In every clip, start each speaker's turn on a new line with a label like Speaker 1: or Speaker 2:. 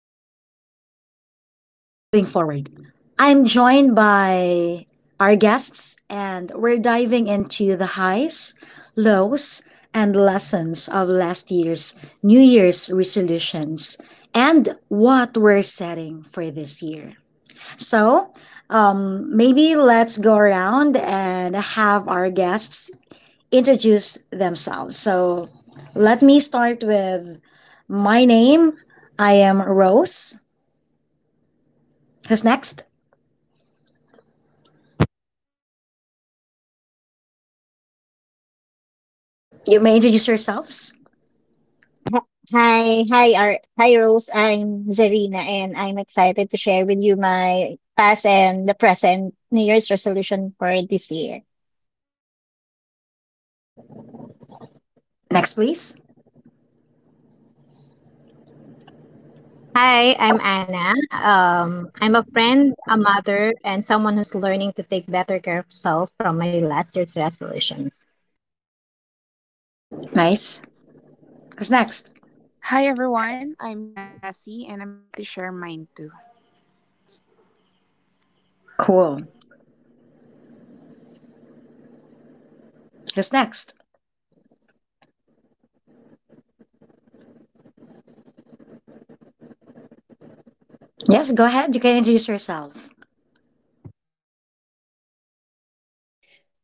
Speaker 1: Looking Back, Moving Forward. I'm joined by our guests, and we're diving into the highs, lows, and lessons of last year's New Year's resolutions and what we're setting for this year. So, Maybe let's go around and have our guests introduce themselves. So let me start with my name. I am Rose. Who's next? You may introduce yourselves.
Speaker 2: H- hi, Rose. I'm Zarina, and I'm excited to share with you my past and the present New Year's resolution for this year.
Speaker 1: Next, please.
Speaker 3: Hi, I'm Anna. I'm a friend, a mother, and someone who's learning to take better care of self from my last year's resolutions.
Speaker 1: Nice. Who's next?
Speaker 4: Hi everyone, I'm Cassie and I'm happy to share mine too.
Speaker 1: Cool. Who's next? Yes, go ahead. You can introduce yourself.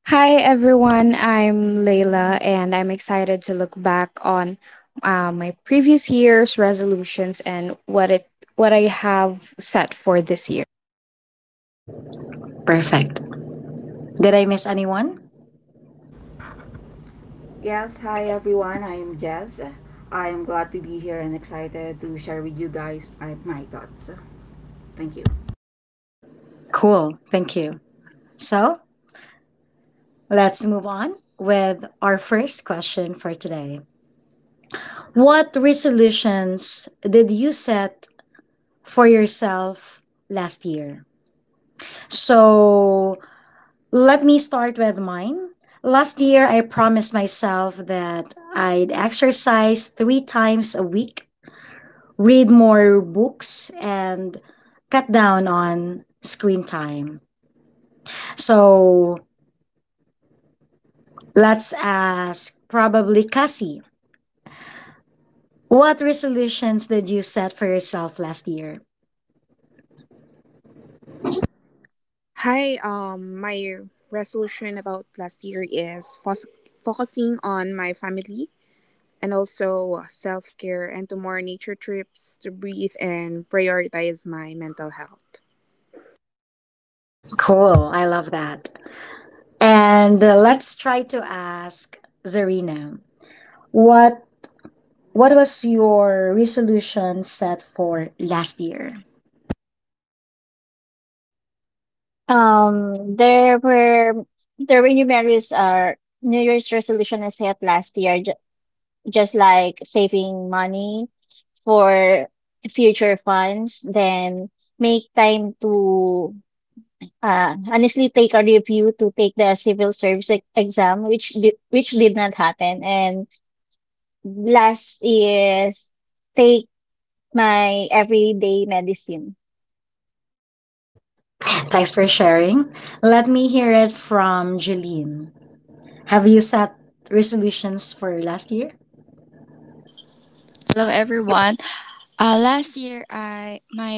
Speaker 5: Hi everyone, I'm Layla and I'm excited to look back on my previous year's resolutions and what I have set for this year.
Speaker 1: Perfect. Did I miss anyone?
Speaker 6: Yes, hi everyone. I am Jess. I am glad to be here and excited to share with you guys my thoughts. Thank you.
Speaker 1: Cool. Thank you. So let's move on with our first question for today. What resolutions did you set for yourself last year? So let me start with mine. Last year, I promised myself that I'd exercise three times a week, read more books, and cut down on screen time. So let's ask probably Cassie. What resolutions did you set for yourself last year?
Speaker 4: Hi, my resolution about last year is focusing on my family and also self-care and to more nature trips to breathe and prioritize my mental health.
Speaker 1: Cool, I love that. And let's try to ask Zarina. What What was your resolution set for last year?
Speaker 2: There were there were numerous New Year's resolution I set last year, just like saving money for future funds, then make time to honestly take a review to take the civil service exam, which did not happen, and last is take my everyday medicine.
Speaker 1: Thanks for sharing. Let me hear it from Jeline. Have you set resolutions for last year?
Speaker 7: Hello everyone. Last year, I my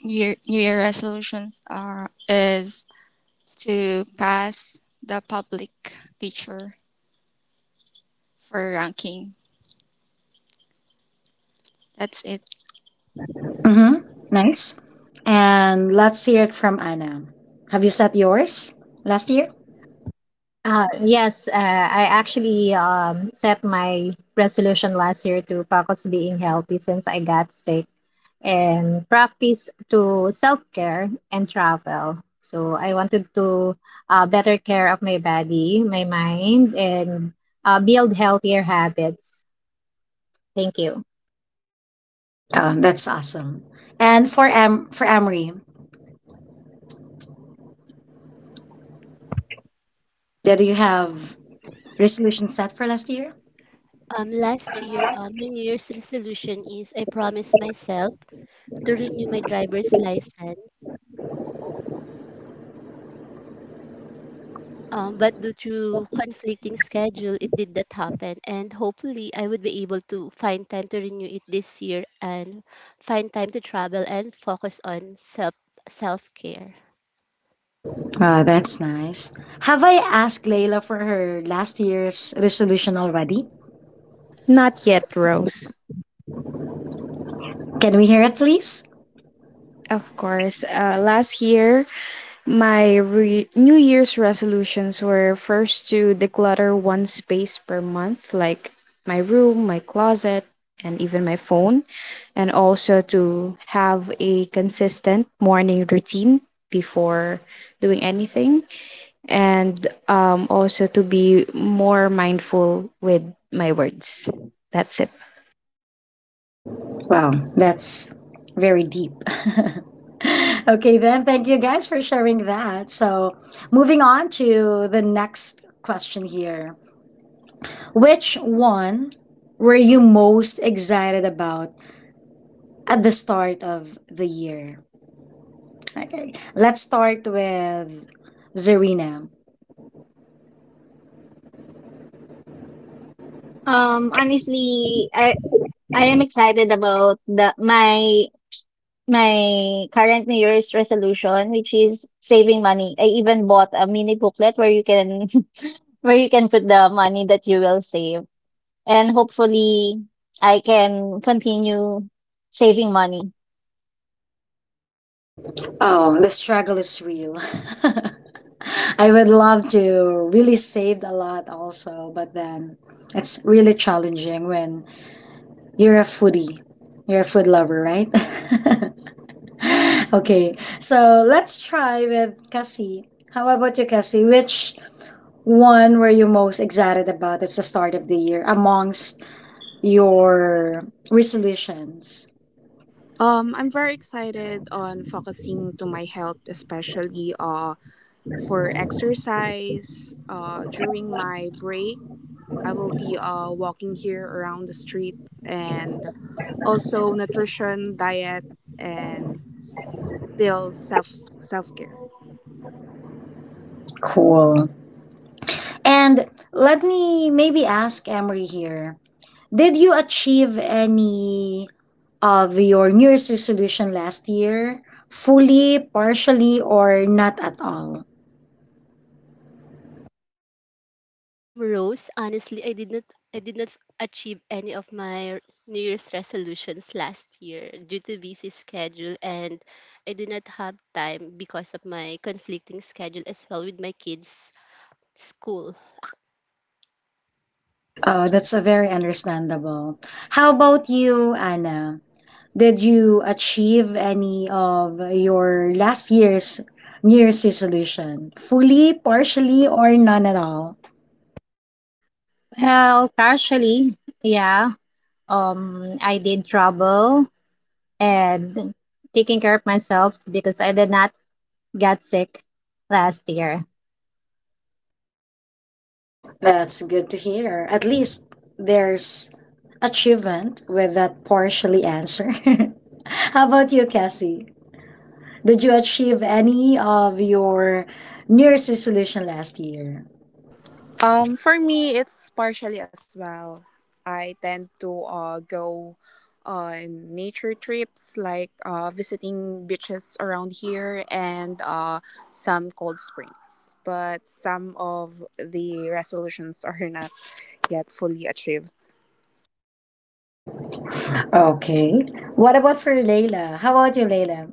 Speaker 7: year, New Year resolutions are is to pass the public teacher for ranking. That's it.
Speaker 1: Mm-hmm. Nice. And let's hear it from Anna. Have you set yours last year?
Speaker 3: Yes, I actually set my resolution last year to focus being healthy since I got sick and practice to self-care and travel. So I wanted to better care of my body, my mind, and build healthier habits. Thank you.
Speaker 1: Oh, that's awesome. And for for Amory, did you have resolutions set for last year?
Speaker 8: Last year, my New Year's resolution is I promised myself to renew my driver's license. But due to conflicting schedule, it did not happen. And hopefully, I would be able to find time to renew it this year and find time to travel and focus on self care.
Speaker 1: Oh, that's nice. Have I asked Layla for her last year's resolution already?
Speaker 5: Not yet, Rose.
Speaker 1: Can we hear it, please?
Speaker 5: Of course, last year, my New Year's resolutions were, first, to declutter one space per month, like my room, my closet, and even my phone, and also to have a consistent morning routine before doing anything, and also to be more mindful with my words. That's it.
Speaker 1: Wow, that's very deep. Okay, then, thank you guys for sharing that. So, moving on to the next question here. Which one were you most excited about at the start of the year? Okay, let's start with Zarina.
Speaker 2: Honestly, I am excited about the my my current New Year's resolution, which is saving money. I even bought a mini booklet where you can where you can put the money that you will save, and hopefully, I can continue saving money.
Speaker 1: Oh, the struggle is real. I would love to really saved a lot also, but then it's really challenging when you're a foodie. You're a food lover, right? Okay, so let's try with Cassie. How about you, Cassie? Which one were you most excited about at the start of the year amongst your resolutions?
Speaker 4: I'm very excited on focusing to my health, especially for exercise during my break. I will be walking here around the street, and also nutrition, diet, and still self care.
Speaker 1: Cool. And let me maybe ask Emery here. Did you achieve any of your New Year's resolution last year? Fully, partially, or not at all?
Speaker 8: Rose, honestly, I did not achieve any of my New Year's resolutions last year due to busy schedule, and I do not have time because of my conflicting schedule as well with my kids' school.
Speaker 1: Oh, that's a very understandable. How about you, Anna? Did you achieve any of your last year's New Year's resolution? Fully, partially, or none at all?
Speaker 3: Well, partially, yeah. I did travel and taking care of myself because I did not get sick last year.
Speaker 1: That's good to hear. At least there's achievement with that partially answer. How about you, Cassie? Did you achieve any of your New Year's resolution last year?
Speaker 4: For me, it's partially as well. I tend to go on nature trips, like visiting beaches around here and some cold springs. But some of the resolutions are not yet fully achieved.
Speaker 1: Okay. What about for Layla? How about you, Layla?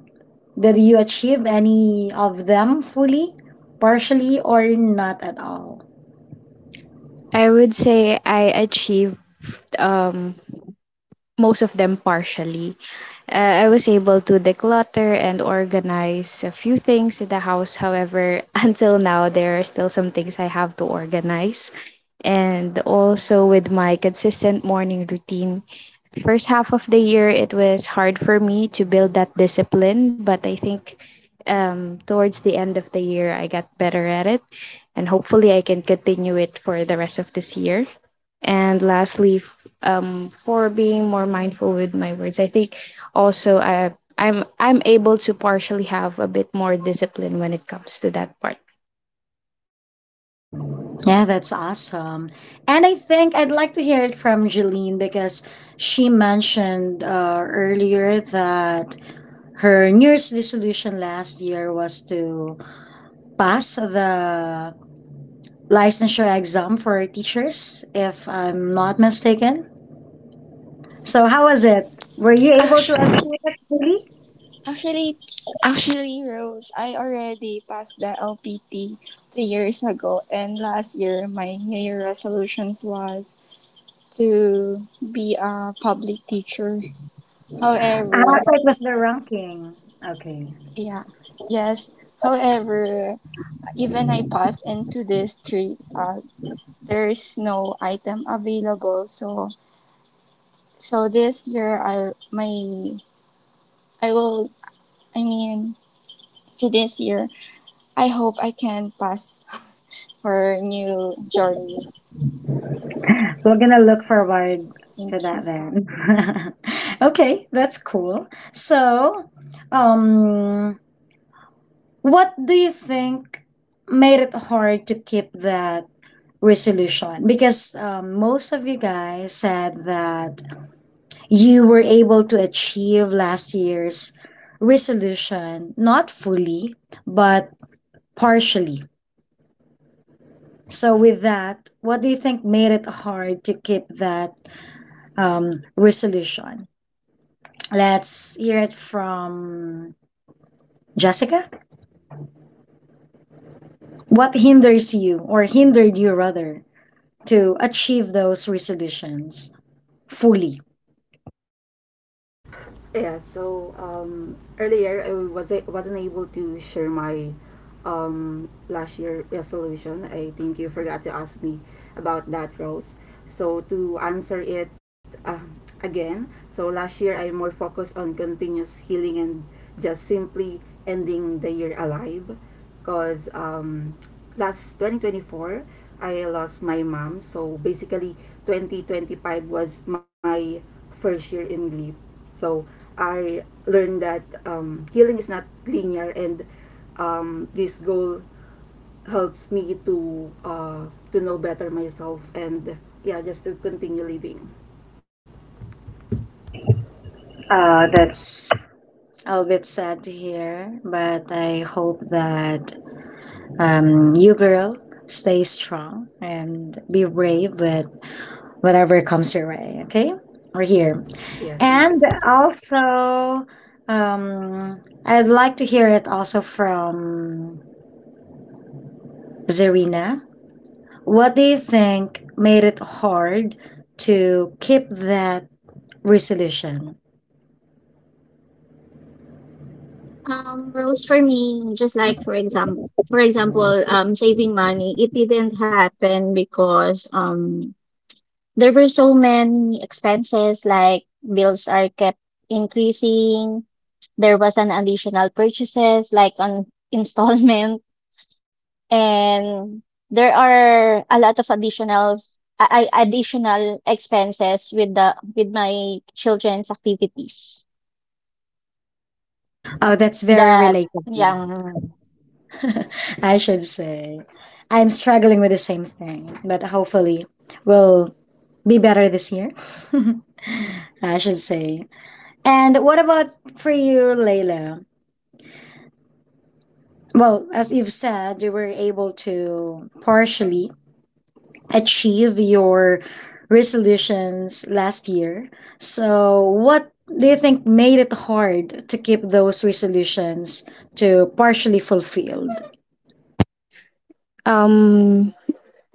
Speaker 1: Did you achieve any of them fully, partially, or not at all?
Speaker 5: I would say I achieved um, most of them partially. I was able to declutter and organize a few things in the house. However, until now, there are still some things I have to organize. And also, with my consistent morning routine, first half of the year, it was hard for me to build that discipline. But I think, towards the end of the year, I got better at it. And hopefully, I can continue it for the rest of this year. And lastly, for being more mindful with my words, I think also I'm able to partially have a bit more discipline when it comes to that part.
Speaker 1: Yeah, that's awesome. And I think I'd like to hear it from Jeline because she mentioned earlier that her New Year's resolution last year was to pass the licensure exam for teachers, if I'm not mistaken. So, how was it? Were you able to
Speaker 7: Actu-
Speaker 1: achieve it fully?
Speaker 7: Actually, actually, Rose, I already passed the LPT 3 years ago, and last year my New Year resolutions was to be a public teacher.
Speaker 1: Ah,
Speaker 7: However,
Speaker 1: so it was the ranking. Okay.
Speaker 7: yeah, yes. However, even I pass into this street, there's no item available. So this year I my I will I mean so this year I hope I can pass for new journey.
Speaker 1: We're gonna look forward to
Speaker 7: Thank
Speaker 1: that
Speaker 7: you.
Speaker 1: then. Okay, that's cool. Um, what do you think made it hard to keep that resolution? Because most of you guys said that you were able to achieve last year's resolution, not fully, but partially. So, with that, what do you think made it hard to keep that resolution? Let's hear it from Jessica. What hinders you, or hindered you rather, to achieve those resolutions fully?
Speaker 6: Earlier I wasn't able to share my last year resolution. I think you forgot to ask me about that, Rose. So to answer it again, so last year I more focused on continuous healing and just simply ending the year alive, cause last 2024 I lost my mom. So basically 2025 was my first year in grief, so I learned that healing is not linear, and this goal helps me to know better myself and yeah, just to continue living.
Speaker 1: That's a little bit sad to hear, but I hope that you girl stay strong and be brave with whatever comes your way. Okay, we're here.
Speaker 6: Yes, thank you.
Speaker 1: And also, um, I'd like to hear it also from Zarina. What do you think made it hard to keep that resolution?
Speaker 2: Rules for me, just like for example, saving money, it didn't happen because there were so many expenses, like bills are kept increasing. There was an additional purchases, like on installment, and there are a lot of additionals, additional expenses with the with my children's activities.
Speaker 1: Oh, that's very
Speaker 2: That,
Speaker 1: relatable.
Speaker 2: yeah.
Speaker 1: I should say. I'm struggling with the same thing, but hopefully we'll be better this year. I should say. And what about for you, Layla? Well, as you've said, you were able to partially achieve your resolutions last year. So, what do you think made it hard to keep those resolutions to partially fulfilled?
Speaker 5: Um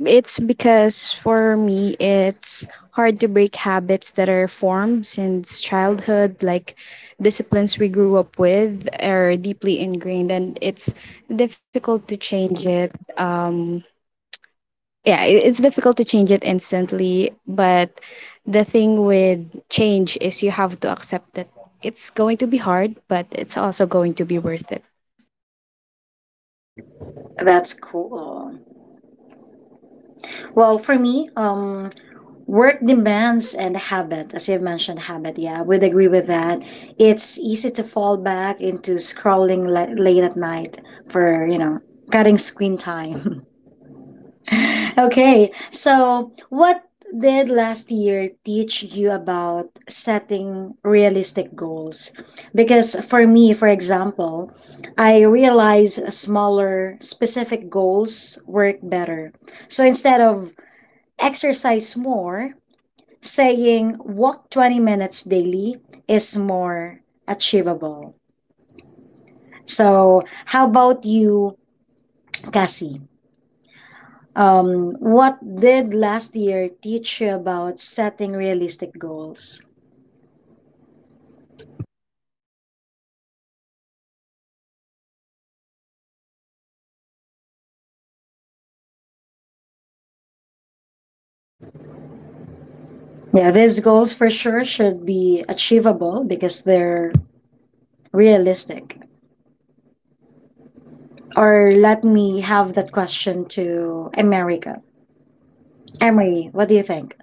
Speaker 5: it's because, for me, it's hard to break habits that are formed since childhood, like disciplines we grew up with are deeply ingrained and it's difficult to change it. um yeah, it's difficult to change it instantly, but the thing with change is you have to accept it. It's going to be hard, but it's also going to be worth it.
Speaker 1: That's cool. Well, for me, work demands and habit, as you've mentioned, habit, yeah, we'd agree with that. It's easy to fall back into scrolling late at night for, you know, cutting screen time. Okay, so what did last year teach you about setting realistic goals? Because for me, for example, I realize smaller, specific goals work better. So instead of exercise more, saying walk 20 minutes daily is more achievable. So, how about you, Cassie? What did last year teach you about setting realistic goals? Yeah, these goals for sure should be achievable because they're realistic. Or let me have that question to America. Emery, what do you think?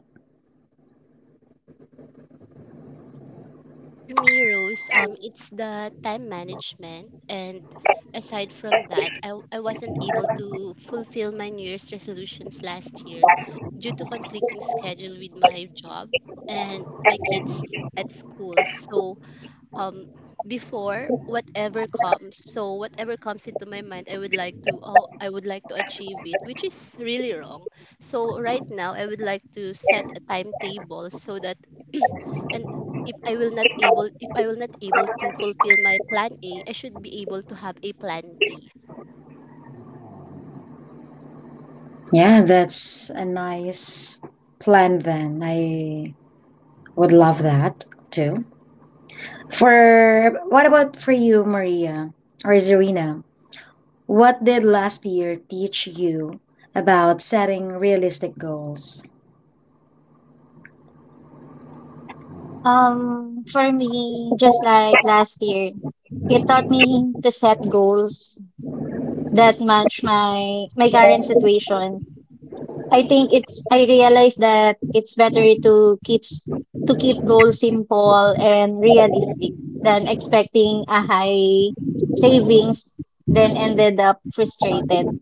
Speaker 8: For me, Rose, it's the time management, and aside from that, I wasn't able to fulfill my New Year's resolutions last year due to conflicting schedule with my job and my kids at school. So um before whatever comes so whatever comes into my mind, I would like to I would like to achieve it, which is really wrong. So right now, I would like to set a timetable so that and if I will not able to fulfill my plan A, I should be able to have a plan B.
Speaker 1: Yeah, that's a nice plan then. I would love that too. For what about for you, Maria or Zarina? What did last year teach you about setting realistic goals?
Speaker 2: For me, just like last year, it taught me to set goals that match my current situation. I think it's I realized that it's better to keep goals simple and realistic than expecting a high savings then ended up frustrated.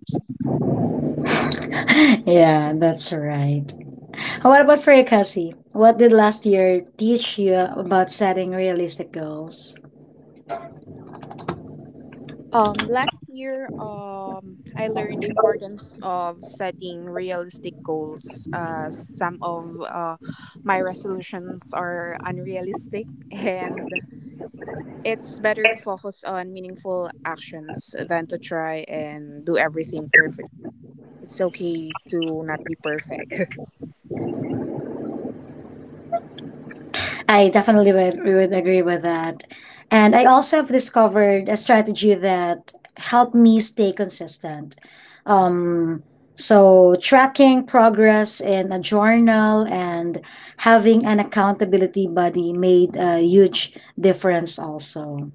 Speaker 1: Yeah, that's right. What about for you, Cassie? What did last year teach you about setting realistic goals?
Speaker 4: Last year, I learned the importance of setting realistic goals. Some of my resolutions are unrealistic, and it's better to focus on meaningful actions than to try and do everything perfect. It's okay to not be perfect.
Speaker 1: I definitely would agree with that. And I also have discovered a strategy that helped me stay consistent. Um, so, tracking progress in a journal and having an accountability buddy made a huge difference, also.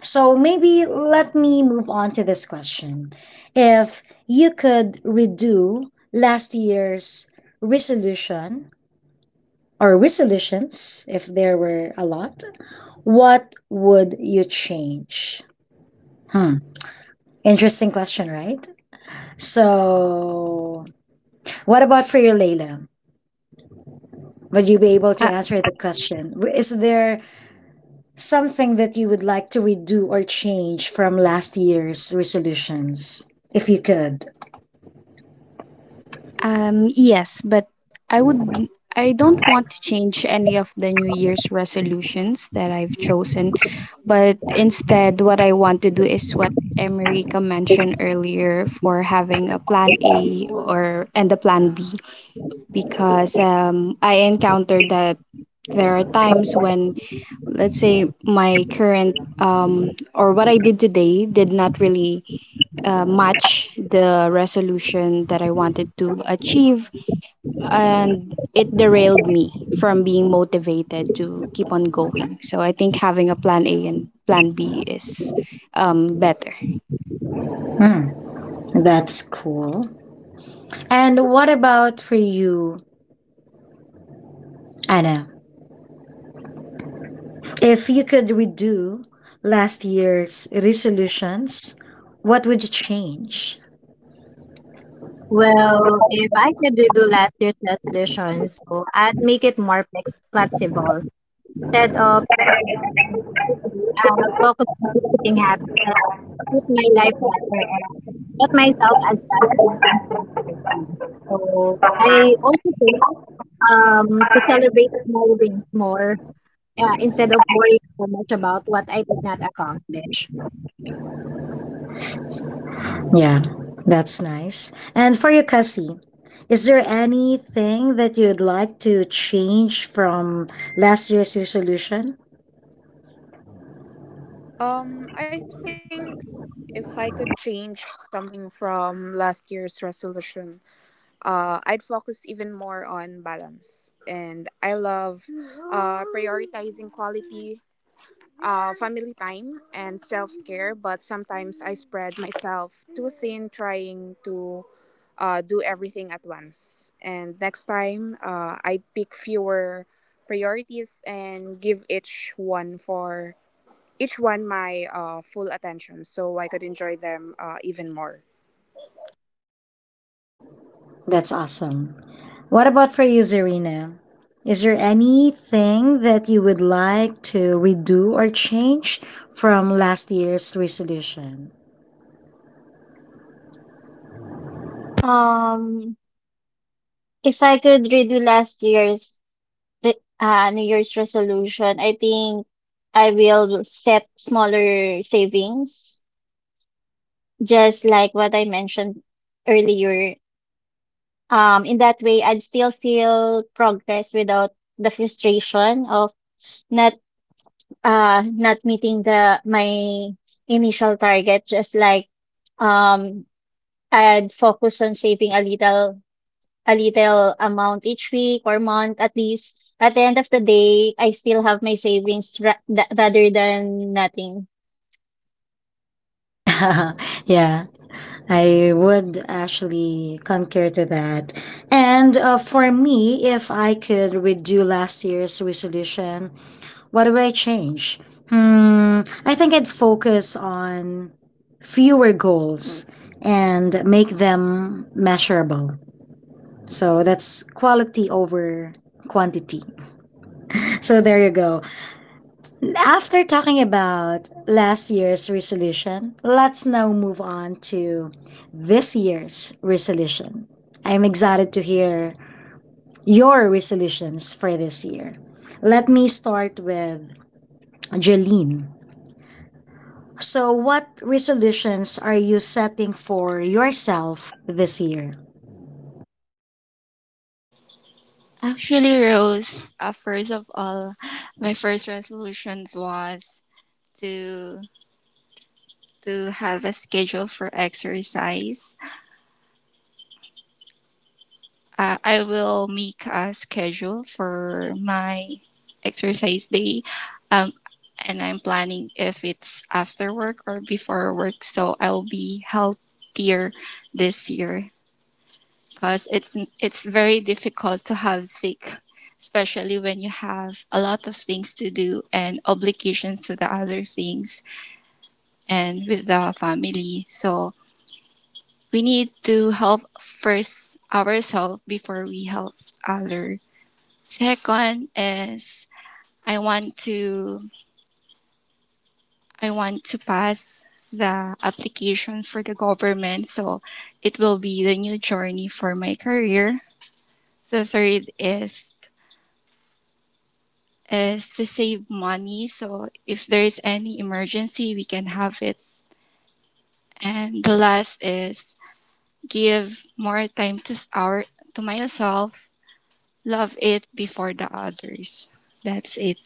Speaker 1: So, maybe let me move on to this question. If you could redo last year's resolution, or resolutions, if there were a lot, what would you change? Hmm. Interesting question, right? So, what about for you, Layla? Would you be able to
Speaker 5: uh,
Speaker 1: answer the question? Is there something that you would like to redo or change from last year's resolutions? If you could.
Speaker 5: yes, but I would, I don't want to change any of the New Year's resolutions that I've chosen, but instead what I want to do is what America mentioned earlier, for having a plan A or, and a plan B, because I encountered that there are times when, let's say, my current or what I did today did not really match the resolution that I wanted to achieve, and it derailed me from being motivated to keep on going. So I think having a plan A and plan B is better.
Speaker 1: Hmm, that's cool. And what about for you, Anna? If you could redo last year's resolutions, what would you change?
Speaker 3: Well, if I could redo last year's resolution, so I'd make it more flexible. Instead of trying to do everything perfectly, I'll focus on creating habits that fit my life better and let myself adjust to things rapidly. So I also think um to celebrate small wins more. Yeah, instead of worrying so much about what I did not accomplish.
Speaker 1: Yeah, that's nice. And for you, Cassie, is there anything that you'd like to change from last year's resolution?
Speaker 4: Um, I think if I could change something from last year's resolution, I'd focus even more on balance. And I love prioritizing quality, family time, and self care, but sometimes I spread myself too thin trying to do everything at once. And next time, I pick fewer priorities and give each one my full attention so I could enjoy them even more.
Speaker 1: That's awesome. What about for you, Zarina? Is there anything that you would like to redo or change from last year's resolution?
Speaker 2: Um, if I could redo last year's New Year's resolution, I think I will set smaller savings, just like what I mentioned earlier. In that way, I'd still feel progress without the frustration of not not meeting the my initial target. Just like, um, I'd focus on saving a little amount each week or month. At least at the end of the day I still have my savings, rather than nothing.
Speaker 1: Yeah, I would actually concur to that. And for me, if I could redo last year's resolution, what would I change? Hmm, I think I'd focus on fewer goals and make them measurable. So that's quality over quantity. So there you go. After talking about last year's resolution, let's now move on to this year's resolution. I'm excited to hear your resolutions for this year. Let me start with Jeline. So, what resolutions are you setting for yourself this year?
Speaker 7: Actually, Rose, first of all, my first resolutions was to to have a schedule for exercise I will make a schedule for my exercise day. Um, and I'm planning if it's after work or before work. So I'll be healthier this year because it's very difficult to have sick, especially when you have a lot of things to do and obligations to the other things and with the family. So we need to help first ourselves before we help others. Second is I want to I want to pass the application for the government so it will be the new journey for my career. The third is to save money so if there is any emergency we can have it. And the last is give more time to our to myself, love it before the others. That's it.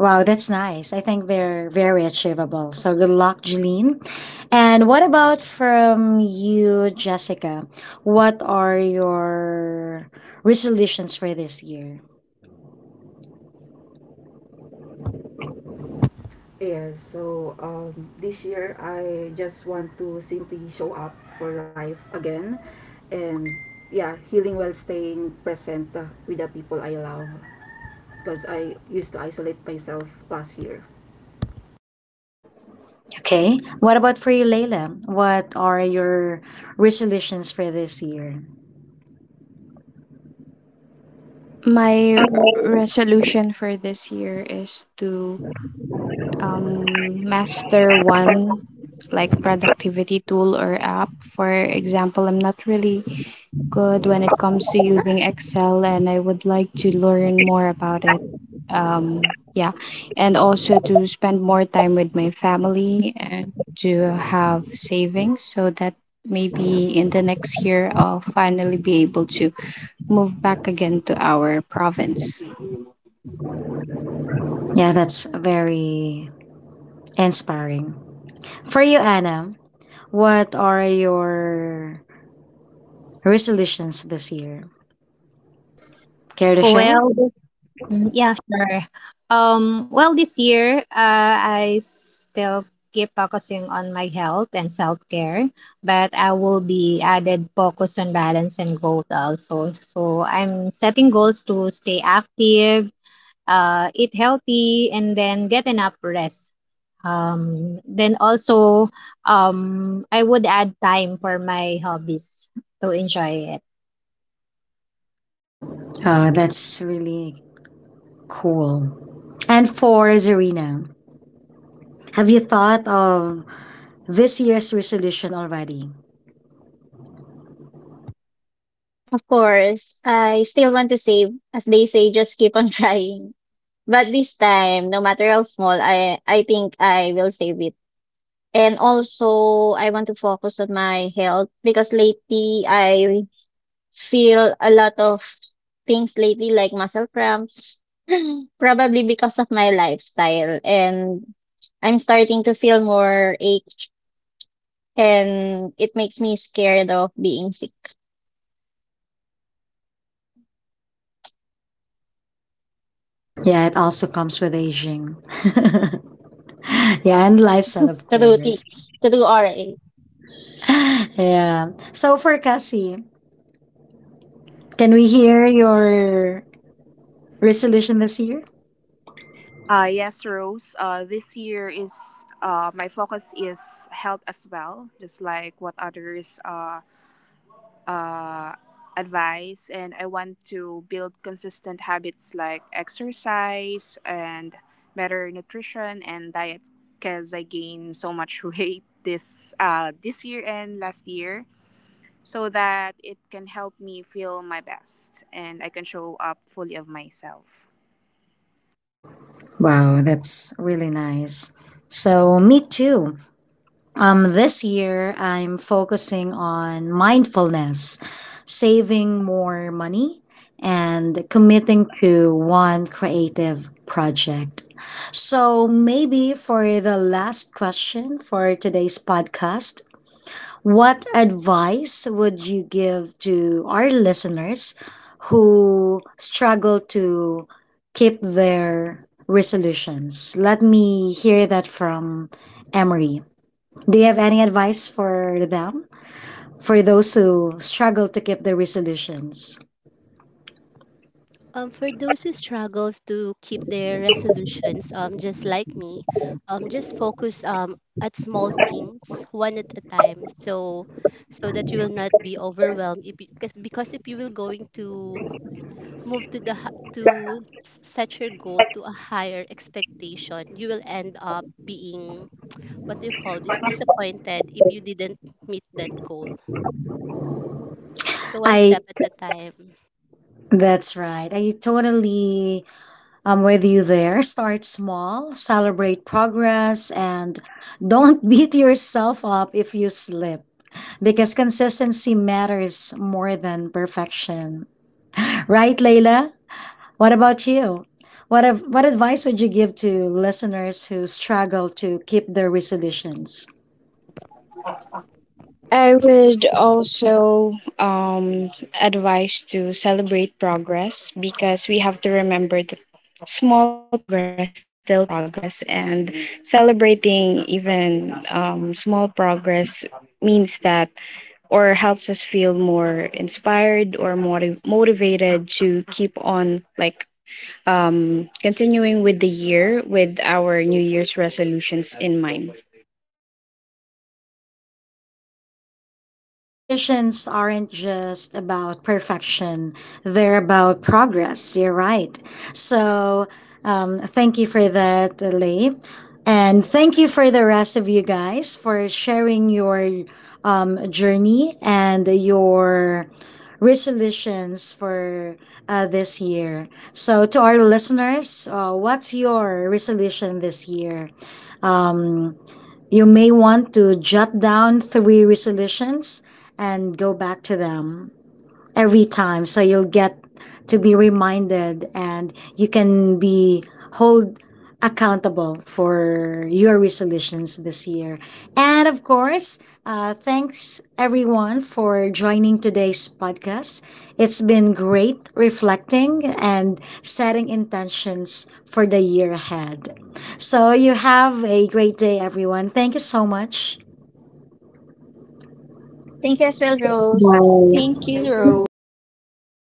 Speaker 1: Wow, that's nice. I think they're very achievable. So good luck, Jeline. And what about from you, Jessica? What are your resolutions for this year?
Speaker 6: This year I just want to simply show up for life again and yeah, healing while staying present with the people I love because I used to isolate myself last year.
Speaker 1: Okay. What about for you, Layla? What are your resolutions for this year?
Speaker 5: My resolution for this year is to master one, like, productivity tool or app. For example, I'm not really good when it comes to using Excel and I would like to learn more about it. Yeah, and also to spend more time with my family and to have savings, so that maybe in the next year I'll finally be able to move back again to our province.
Speaker 1: Yeah, that's very inspiring. For you, Anna, what are your resolutions this year? Care to share?
Speaker 3: Well, yeah, sure. Well, this year, I still keep focusing on my health and self-care, but I will be added focus on balance and growth also. So I'm setting goals to stay active, eat healthy, and then get enough rest. Then also, I would add time for my hobbies to enjoy it.
Speaker 1: Oh, that's really cool. And for Zarina, have you thought of this year's resolution already?
Speaker 2: Of course, I still want to save. As they say, just keep on trying, but this time no matter how small, I think I will save it. And also I want to focus on my health because lately I feel a lot of things lately, like muscle cramps, probably because of my lifestyle. And I'm starting to feel more ache, and it makes me scared of being sick.
Speaker 1: Yeah, it also comes with aging. Yeah, and lifestyle,
Speaker 2: to
Speaker 1: of
Speaker 2: do,
Speaker 1: course.
Speaker 2: to do RA.
Speaker 1: Yeah. So for Cassie, can we hear your resolution this year?
Speaker 4: Yes, Rose. This year, is my focus is health as well, just like what others uh, advise. And I want to build consistent habits like exercise and better nutrition and diet, because I gained so much weight this this year and last year, so that it can help me feel my best and I can show up fully of myself.
Speaker 1: Wow, that's really nice. So me too. This year, I'm focusing on mindfulness, saving more money, and committing to one creative project. So, maybe for the last question for today's podcast, what advice would you give to our listeners who struggle to keep their resolutions? Let me hear that from Emery. Do you have any advice for them? For those who struggle to keep their resolutions?
Speaker 8: For those who struggles to keep their resolutions, just like me, just focus at small things, one at a time, so so that you will not be overwhelmed. If Because if you will going to move to the h- to s- set your goal to a higher expectation, you will end up being what you call this disappointed if you didn't meet that goal. So one
Speaker 1: I,
Speaker 8: step at a time.
Speaker 1: that's right. I totally am with you there. Start small, celebrate progress, and don't beat yourself up if you slip because consistency matters more than perfection. Right, Layla? What about you? What advice would you give to listeners who struggle to keep their resolutions?
Speaker 5: I would also um, advise to celebrate progress, because we have to remember that small progress is still progress, and celebrating even small progress means that, or helps us feel more inspired or more motivated to keep on, like, continuing with the year with our New Year's resolutions in mind.
Speaker 1: Thanks for that. So, resolutions aren't just about perfection, they're about progress. You're right. So, Thank you for that, Lee. And thank you for the rest of you guys for sharing your journey and your resolutions for this year. So, to our listeners, what's your resolution this year? You may want to jot down three resolutions and go back to them every time so you'll get to be reminded and you can be hold accountable for your resolutions this year. And of course, thanks everyone for joining today's podcast. It's been great reflecting and setting intentions for the year ahead. So you have a great day everyone, thank you so much.
Speaker 2: Thank you as well, Rose.
Speaker 6: Thank
Speaker 7: Thank
Speaker 6: you,
Speaker 7: you,
Speaker 6: Rose.
Speaker 7: Rose.
Speaker 8: Thank you, Rose.